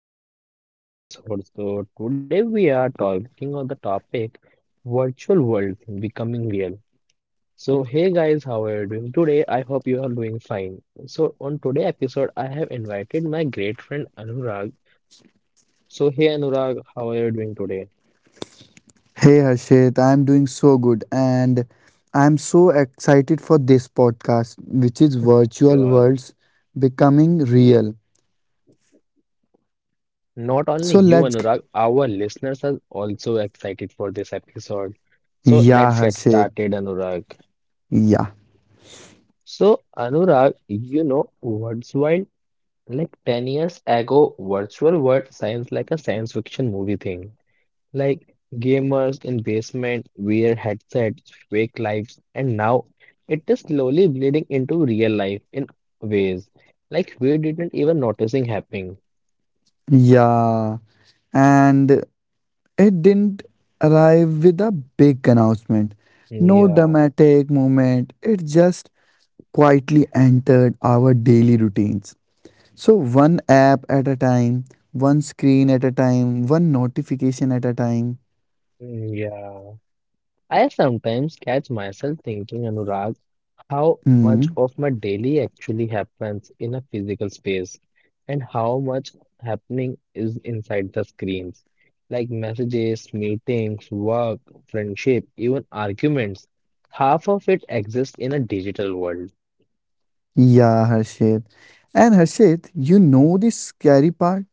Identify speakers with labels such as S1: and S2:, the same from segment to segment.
S1: welcome back to the today episode. So, today we are talking on the topic virtual world becoming real. So, hey guys, how are you doing today? I hope you are doing fine. So, on today episode, I have invited my great friend Anurag. So, hey Anurag, how are you doing today?
S2: Hey Harshit, I'm doing so good and I'm so excited for this podcast, which is virtual
S1: Sure.
S2: worlds becoming real.
S1: Not only
S2: So
S1: you,
S2: let's...
S1: Anurag, our listeners are also excited for this episode. So, let's
S2: Yeah,
S1: get
S2: Harshit.
S1: started, Anurag.
S2: Yeah.
S1: So, Anurag, you know what's wild? Like 10 years ago, virtual world sounds like a science fiction movie thing. Like gamers in basement, wear headsets, fake lives, and now it is slowly bleeding into real life in ways like we didn't even noticing happening.
S2: Yeah. And it didn't arrive with a big announcement. No
S1: Yeah,
S2: dramatic moment. It just quietly entered our daily routines. So one app at a time, one screen at a time, one notification at a time.
S1: mm, yeah. I sometimes catch myself thinking, Anurag, how much
S2: Mm.
S1: of my daily actually happens in a physical space and how much happening is inside the screens, like messages, meetings, work, friendship, even arguments. Half of it exists in a digital world.
S2: Yeah, Harshit. And Harshit, you know the scary part?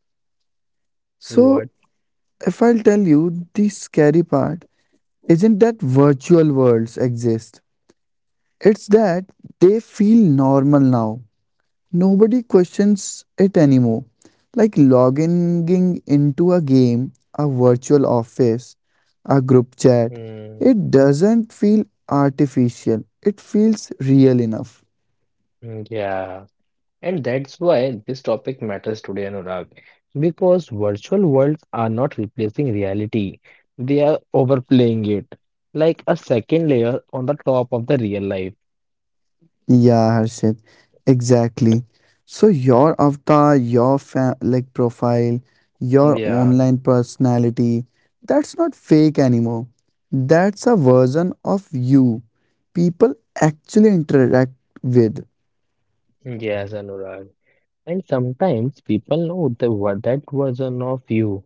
S2: So,
S1: What?
S2: if I'll tell you the scary part, isn't that virtual worlds exist? It's that they feel normal now. Nobody questions it anymore. Like logging into a game, a virtual office, a group chat,
S1: Mm,
S2: it doesn't feel artificial. It feels real enough.
S1: yeah. And that's why this topic matters today, Anurag, because virtual worlds are not replacing reality, they are overplaying it, like a second layer on the top of the real life.
S2: Yeah, Harshit, exactly. So your avatar, like profile, your
S1: Yeah,
S2: online personality, that's not fake anymore. That's a version of you people actually interact with.
S1: yes, Anurag. And sometimes people know that version of you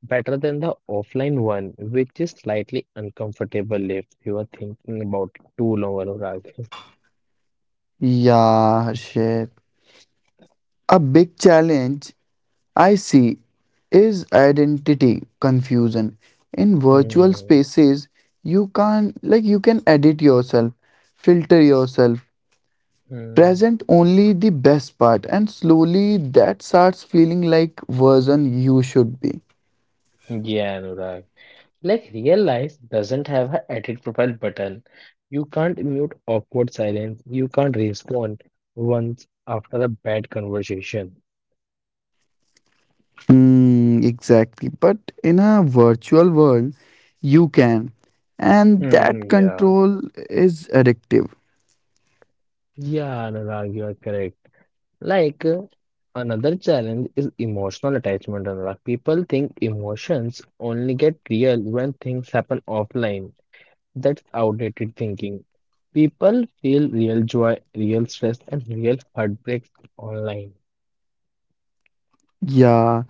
S1: better than the offline one, which is slightly uncomfortable if you are thinking about it too long, Anurag.
S2: Yeah, Harshit. A big challenge I see is identity confusion. In virtual
S1: Hmm.
S2: spaces, you can't like you can edit yourself, filter yourself,
S1: Hmm.
S2: present only the best part, and slowly that starts feeling like version you should be.
S1: Yeah, Anurag. Like real life doesn't have a edit profile button. You can't mute awkward silence. You can't respond once after a bad conversation.
S2: Hmm, exactly, but in a virtual world you can, and
S1: Hmm,
S2: that
S1: yeah.
S2: control is addictive.
S1: Yeah, Anurag, you are correct. Like another challenge is emotional attachment, Anurag. People think emotions only get real when things happen offline. That's outdated thinking. People feel real joy, real stress, and real heartbreaks online.
S2: Yeah,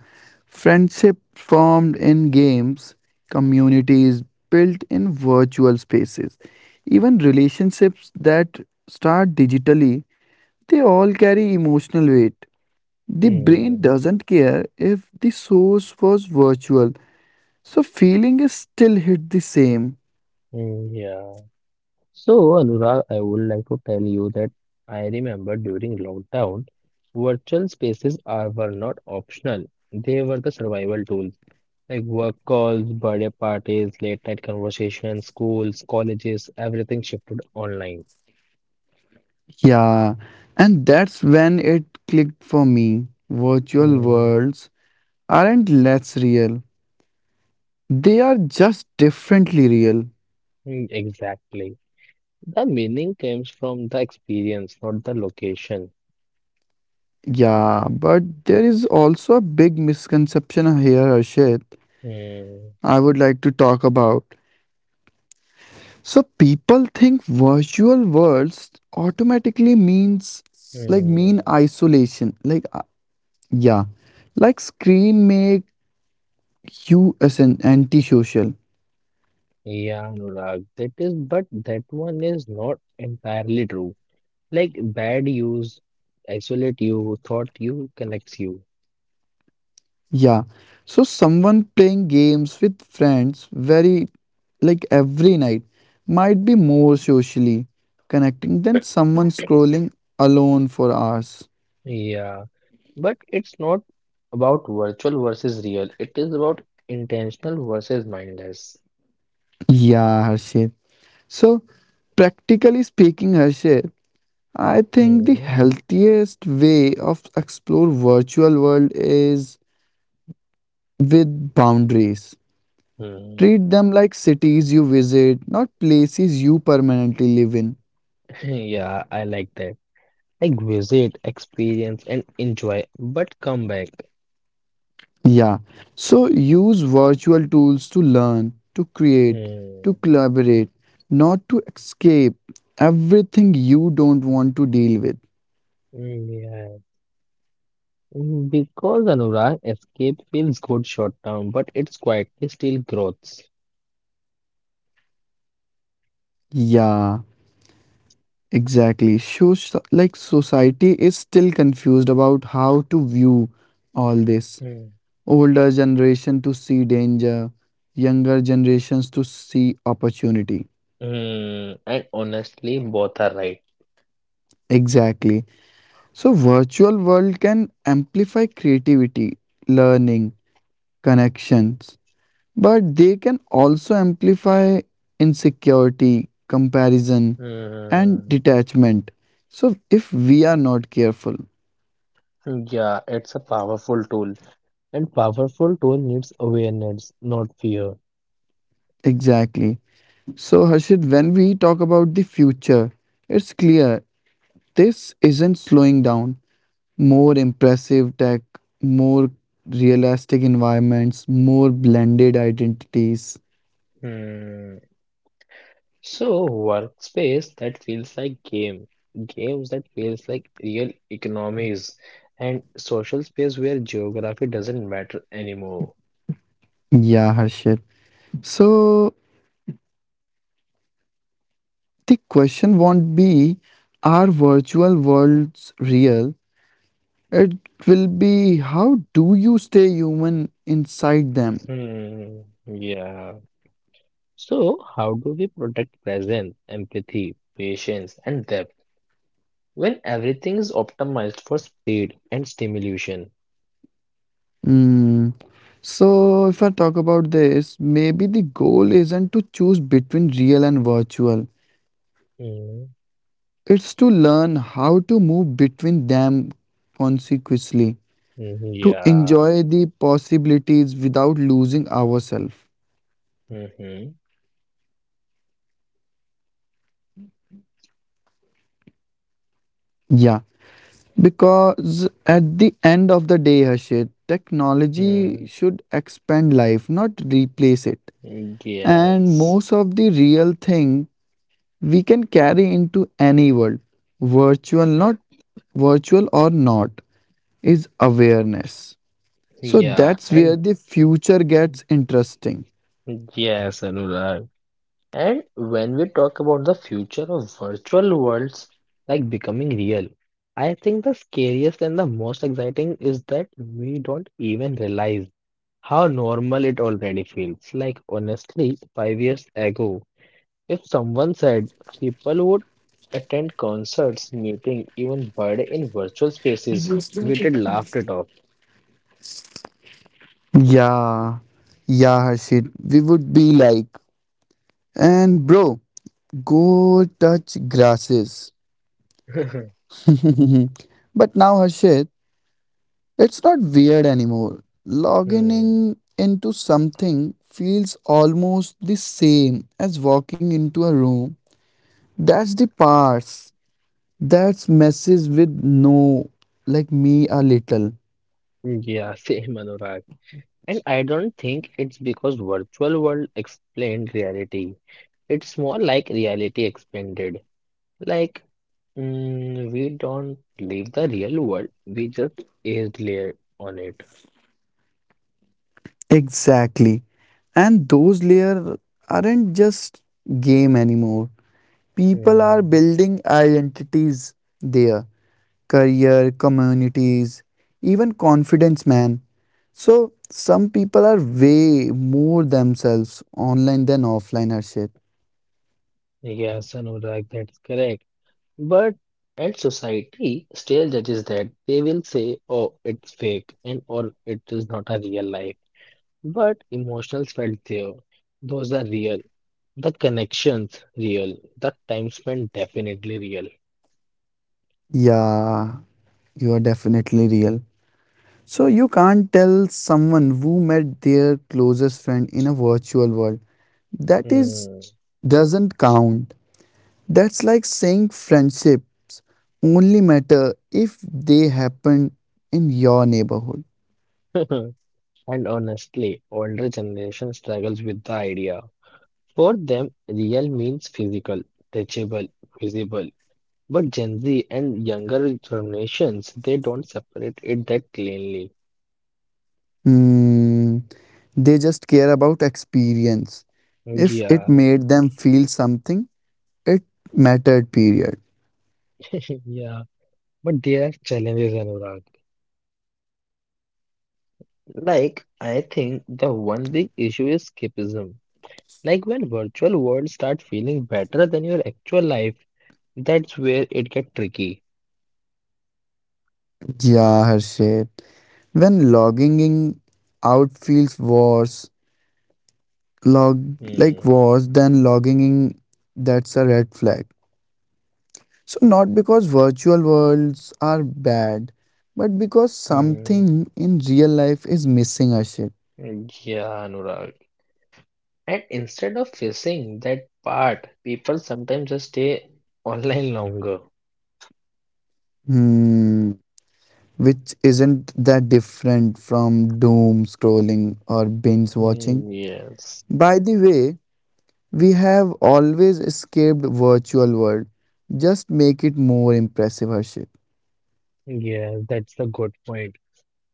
S2: friendship formed in games, communities built in virtual spaces, even relationships that start digitally, they all carry emotional weight. The brain
S1: Hmm.
S2: doesn't care if the source was virtual, so feeling is still hit the same.
S1: Mm, yeah. So, Anurag, I would like to tell you that I remember during lockdown, virtual spaces are were not optional. They were the survival tools, like work calls, birthday parties, late night conversations, schools, colleges, everything shifted online.
S2: Yeah, and that's when it clicked for me. Virtual
S1: Mm,
S2: worlds aren't less real, they are just differently real.
S1: mm, exactly. The meaning comes from the experience, not the location.
S2: Yeah, but there is also a big misconception here, Harshit,
S1: Mm,
S2: I would like to talk about. So people think virtual worlds automatically means, mean
S1: mm.
S2: isolation, like... Yeah, like screen make you as an antisocial.
S1: Yeah, Anurag, that is, but that one is not entirely true. Like bad use isolate you, thought you connects you.
S2: Yeah, so someone playing games with friends very like every night might be more socially connecting than someone scrolling alone for hours.
S1: Yeah, but it's not about virtual versus real. It is about intentional versus mindless.
S2: Yeah, Harshit. So, Practically speaking, Harshit, I think the
S1: Mm-hmm.
S2: healthiest way of explore virtual world is with boundaries. Treat them like cities you visit, not places you permanently live in.
S1: Yeah, I like that. Like visit, experience, and enjoy, but come back.
S2: Yeah. So use virtual tools to learn, to create, to
S1: Hmm.
S2: collaborate, not to escape everything you don't want to deal with.
S1: Mm, yeah. Because Anurag, escape feels good short term, but it's quietly still growths.
S2: Yeah, exactly. So, like, society is still confused about how to view all this.
S1: Hmm.
S2: Older generation to see danger, younger generations to see opportunity.
S1: And honestly, both are right.
S2: Exactly. So virtual world can amplify creativity, learning, connections, but they can also amplify insecurity, comparison, and
S1: Mm,
S2: detachment. So if we are not careful.
S1: yeah, it's a powerful tool, and powerful tool needs awareness, not fear.
S2: Exactly. So, Harshit, when we talk about the future, it's clear this isn't slowing down. More impressive tech, more realistic environments, more blended identities.
S1: Hmm. So, workspace that feels like game, games that feels like real economies, and social space where geography doesn't matter anymore.
S2: Yeah, Harshit. So the question won't be, are virtual worlds real? It will be, how do you stay human inside them?
S1: Hmm. Yeah. So, how do we protect presence, empathy, patience, and depth? When everything is optimized for speed and stimulation.
S2: Hmm. So if I talk about this, maybe the goal isn't to choose between real and virtual.
S1: Mm,
S2: It's to learn how to move between them consequently,
S1: mhm,
S2: to
S1: yeah.
S2: enjoy the possibilities without losing ourselves.
S1: Mm-hmm.
S2: Yeah. Because at the end of the day, Harshit, technology
S1: Mm,
S2: should expand life, not replace it. And
S1: yes.
S2: most of the real thing we can carry into any world, virtual, not virtual or not, is awareness. So
S1: Yeah.
S2: that's
S1: And
S2: where the future gets interesting.
S1: yes, Anurag. And when we talk about the future of virtual worlds like becoming real, I think the scariest and the most exciting is that we don't even realize how normal it already feels. Like honestly, 5 years ago. If someone said people would attend concerts, meeting, even birthday in virtual spaces, we did laughed it off.
S2: Yeah, yeah, Harshit, we would be like, and bro, go touch grasses. But now, Harshit, it's not weird anymore.
S1: Hmm.
S2: Logging into something feels almost the same as walking into a room. That's the parts that messes with no like me a little.
S1: Yeah, same Anurag. And I don't think it's because virtual world explained reality. It's more like reality expanded. Like we don't leave the real world, we just is layer on it.
S2: Exactly. And those layers aren't just game anymore. People are
S1: Hmm.
S2: building identities there, career, communities, even confidence, man. So some people are way more themselves online than offline, Harshit.
S1: Yes, Anurag, that's correct. But and society still judges that. They will say, oh, it's fake and or it is not a real life. But emotions felt there. Those are real. The connections real. The time spent definitely real.
S2: Yeah, you are definitely real. So you can't tell someone who met their closest friend in a virtual world that is
S1: Hmm.
S2: doesn't count. That's like saying friendships only matter if they happen in your neighborhood.
S1: And honestly, older generation struggles with the idea. For them, real means physical, touchable, visible. But Gen Z and younger generations, they don't separate it that cleanly.
S2: Hmm, they just care about experience. If it
S1: Yeah.
S2: made them feel something, it mattered, period.
S1: Yeah, but there are challenges, Anurag. Like, I think the one big issue is escapism. Like, when virtual worlds start feeling better than your actual life, that's where it gets tricky.
S2: Yeah, Harshit. When logging in out feels worse, log like
S1: Hmm.
S2: was then logging in, that's a red flag. So not because virtual worlds are bad, but because
S1: Hmm.
S2: something in real life is missing, ashit.
S1: Yeah, Anurag. And instead of facing that part, people sometimes just stay online longer.
S2: Hmm, which isn't that different from doom scrolling or binge watching,
S1: Hmm, yes.
S2: by the way. We have always escaped virtual world, just make it more impressive, harshit.
S1: Yes, that's the good point.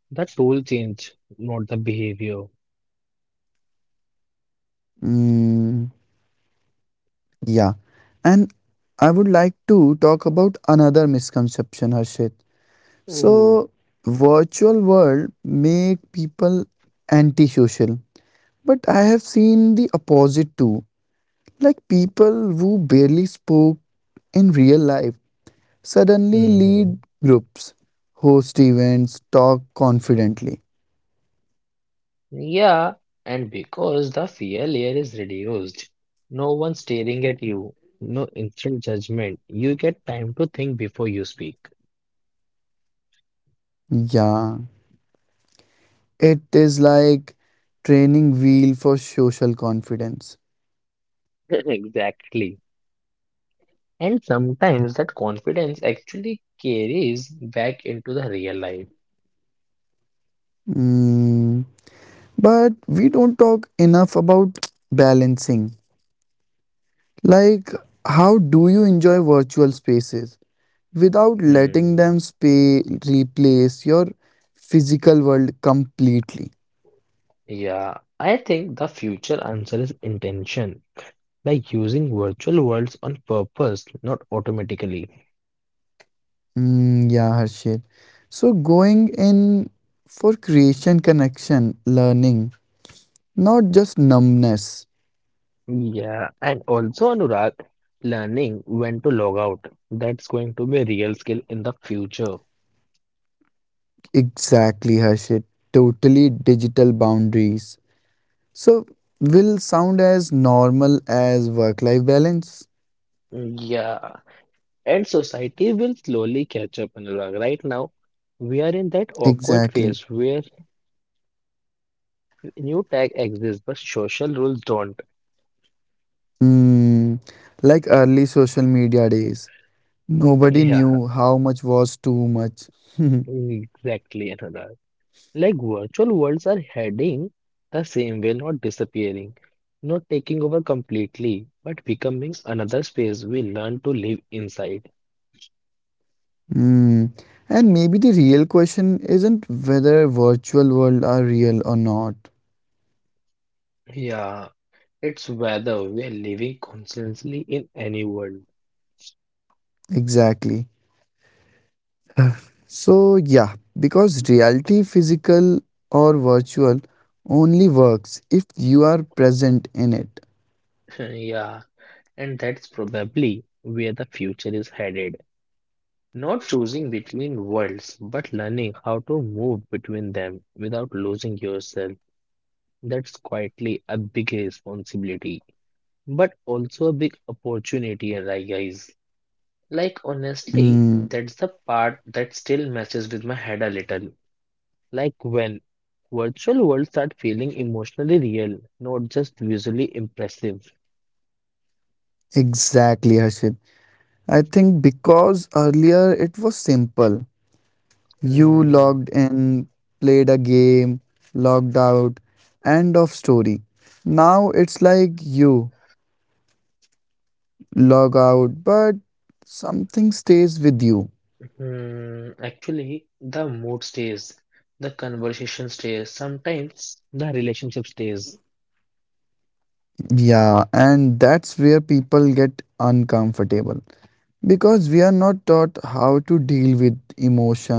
S1: The tool change, not the behavior.
S2: mm. Yeah, and I would like to talk about another misconception, Harshit. So, virtual world make people antisocial, but I have seen the opposite too. Like people who barely spoke in real life suddenly lead
S1: Mm-hmm.
S2: groups, host events, talk confidently.
S1: Yeah, and because the fear layer is reduced, no one staring at you, no instant judgment, you get time to think before you speak.
S2: Yeah, it is like training wheel for social confidence.
S1: Exactly. And sometimes that confidence actually carries back into the real life.
S2: Mm. But we don't talk enough about balancing. Like, how do you enjoy virtual spaces without letting
S1: Hmm.
S2: them replace your physical world completely?
S1: Yeah, I think the future answer is intention, like using virtual worlds on purpose, not automatically.
S2: Mm, yeah, Harshit. So, going in for creation, connection, learning, not just numbness.
S1: Yeah, and also Anurag, learning when to log out. That's going to be a real skill in the future.
S2: Exactly, Harshit. Totally digital boundaries. So, will sound as normal as work life balance.
S1: Yeah, and society will slowly catch up, Anurag. Right now, we are in that awkward
S2: Exactly.
S1: phase where new tech exists, but social rules don't.
S2: Mm, like early social media days, nobody
S1: Yeah,
S2: knew how much was too much.
S1: exactly, Anurag. Like virtual worlds are heading the same way, not disappearing, not taking over completely, but becoming another space we learn to live inside.
S2: Mm. And maybe the real question isn't whether virtual world are real or not.
S1: Yeah, it's whether we are living consciously in any world.
S2: Exactly. So yeah, because reality, physical or virtual, only works if you are present in it.
S1: Yeah, and that's probably where the future is headed. Not choosing between worlds, but learning how to move between them without losing yourself. That's quietly a big responsibility, but also a big opportunity, right, guys? Like, honestly,
S2: Mm,
S1: that's the part that still messes with my head a little. Like when virtual worlds start feeling emotionally real, not just visually impressive.
S2: exactly, Harshit. I think because earlier it was simple. You logged
S1: Hmm,
S2: in, played a game, logged out, end of story. Now it's like you log out, but something stays with you.
S1: Actually, the mood stays, the conversation stays. Sometimes, the relationship stays.
S2: Yeah, and that's where people get uncomfortable because we are not taught how to deal with emotions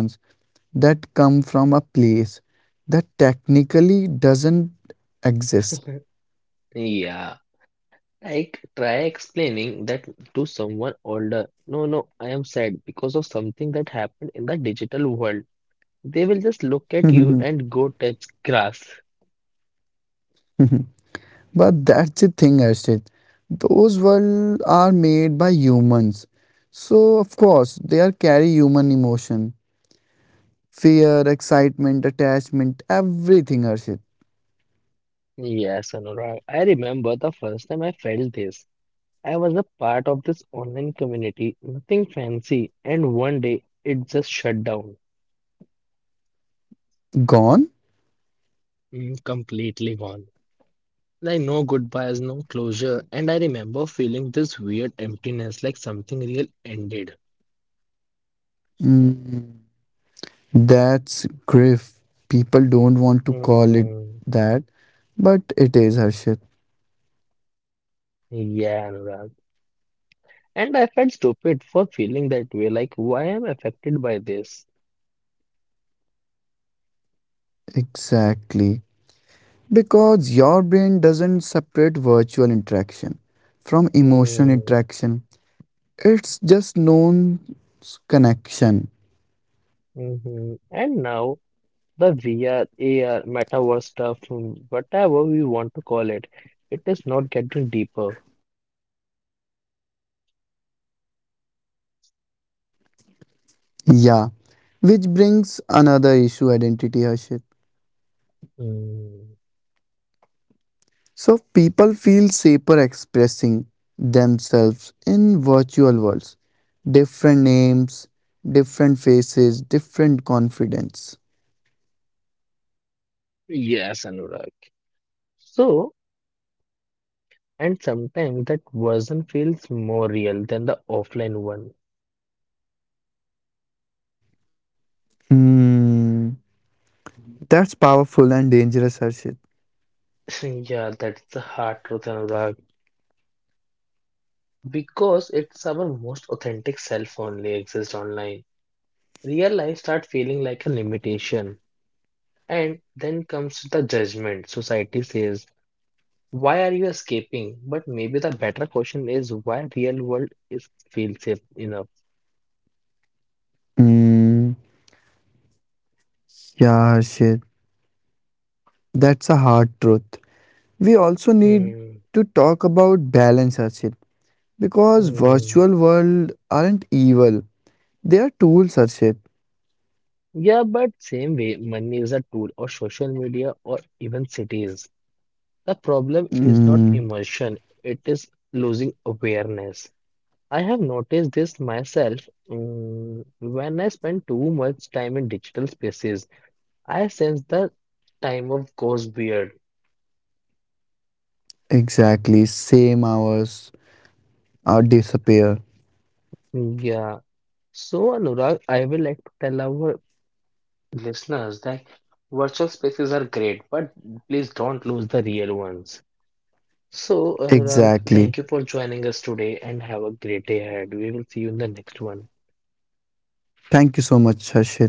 S2: that come from a place that technically doesn't exist.
S1: Yeah, like try explaining that to someone older. No, no, I am sad because of something that happened in the digital world. They will just look at you and go touch grass.
S2: But that's the thing, Arshit. Those worlds are made by humans. So, of course, they are carry human emotion. Fear, excitement, attachment, everything, Arshit.
S1: Yes, Anurag. I remember the first time I felt this. I was a part of this online community, nothing fancy, and one day it just shut down.
S2: Gone?
S1: Completely gone. Like no goodbyes, no closure, and I remember feeling this weird emptiness like something real ended.
S2: Mm, that's grief. People don't want to call it
S1: Mm,
S2: that, but it is, Harshit.
S1: yeah, Anurag. And I felt stupid for feeling that way, like why am I affected by this?
S2: Exactly. Because your brain doesn't separate virtual interaction from emotional
S1: Mm,
S2: interaction. It's just known connection.
S1: hmm. And now the VR, AR, metaverse stuff, whatever we want to call it, it is not getting deeper.
S2: Yeah, which brings another issue, identity, Harshit.
S1: Mm,
S2: So people feel safer expressing themselves in virtual worlds. Different names, different faces, different confidence.
S1: yes, Anurag. So, and sometimes that version feels more real than the offline one.
S2: Hmm. That's powerful and dangerous, Harshit.
S1: Yeah, that's the hard truth, Anurag. Because it's our most authentic self only exists online. Real life starts feeling like a limitation. And then comes the judgment. Society says, why are you escaping? But maybe the better question is why real world is feel safe enough.
S2: Hmm. Yeah, Harshit. That's a hard truth. We also need to
S1: Mm,
S2: talk about balance, Harshit. Because virtual
S1: mm.
S2: world aren't evil. They are tools, Harshit.
S1: Yeah, but same way, money is a tool or social media or even cities. The problem is
S2: Mm,
S1: not immersion; it is losing awareness. I have noticed this myself. When I spend too much time in digital spaces, I sense the time of goes weird.
S2: exactly. Same hours are disappear.
S1: Yeah. So, Anurag, I will like to tell our listeners that virtual spaces are great, but please don't lose the real ones. So, Anurag,
S2: Exactly.
S1: thank you for joining us today and have a great day ahead. We will see you in the next one.
S2: Thank you so much, Harshit.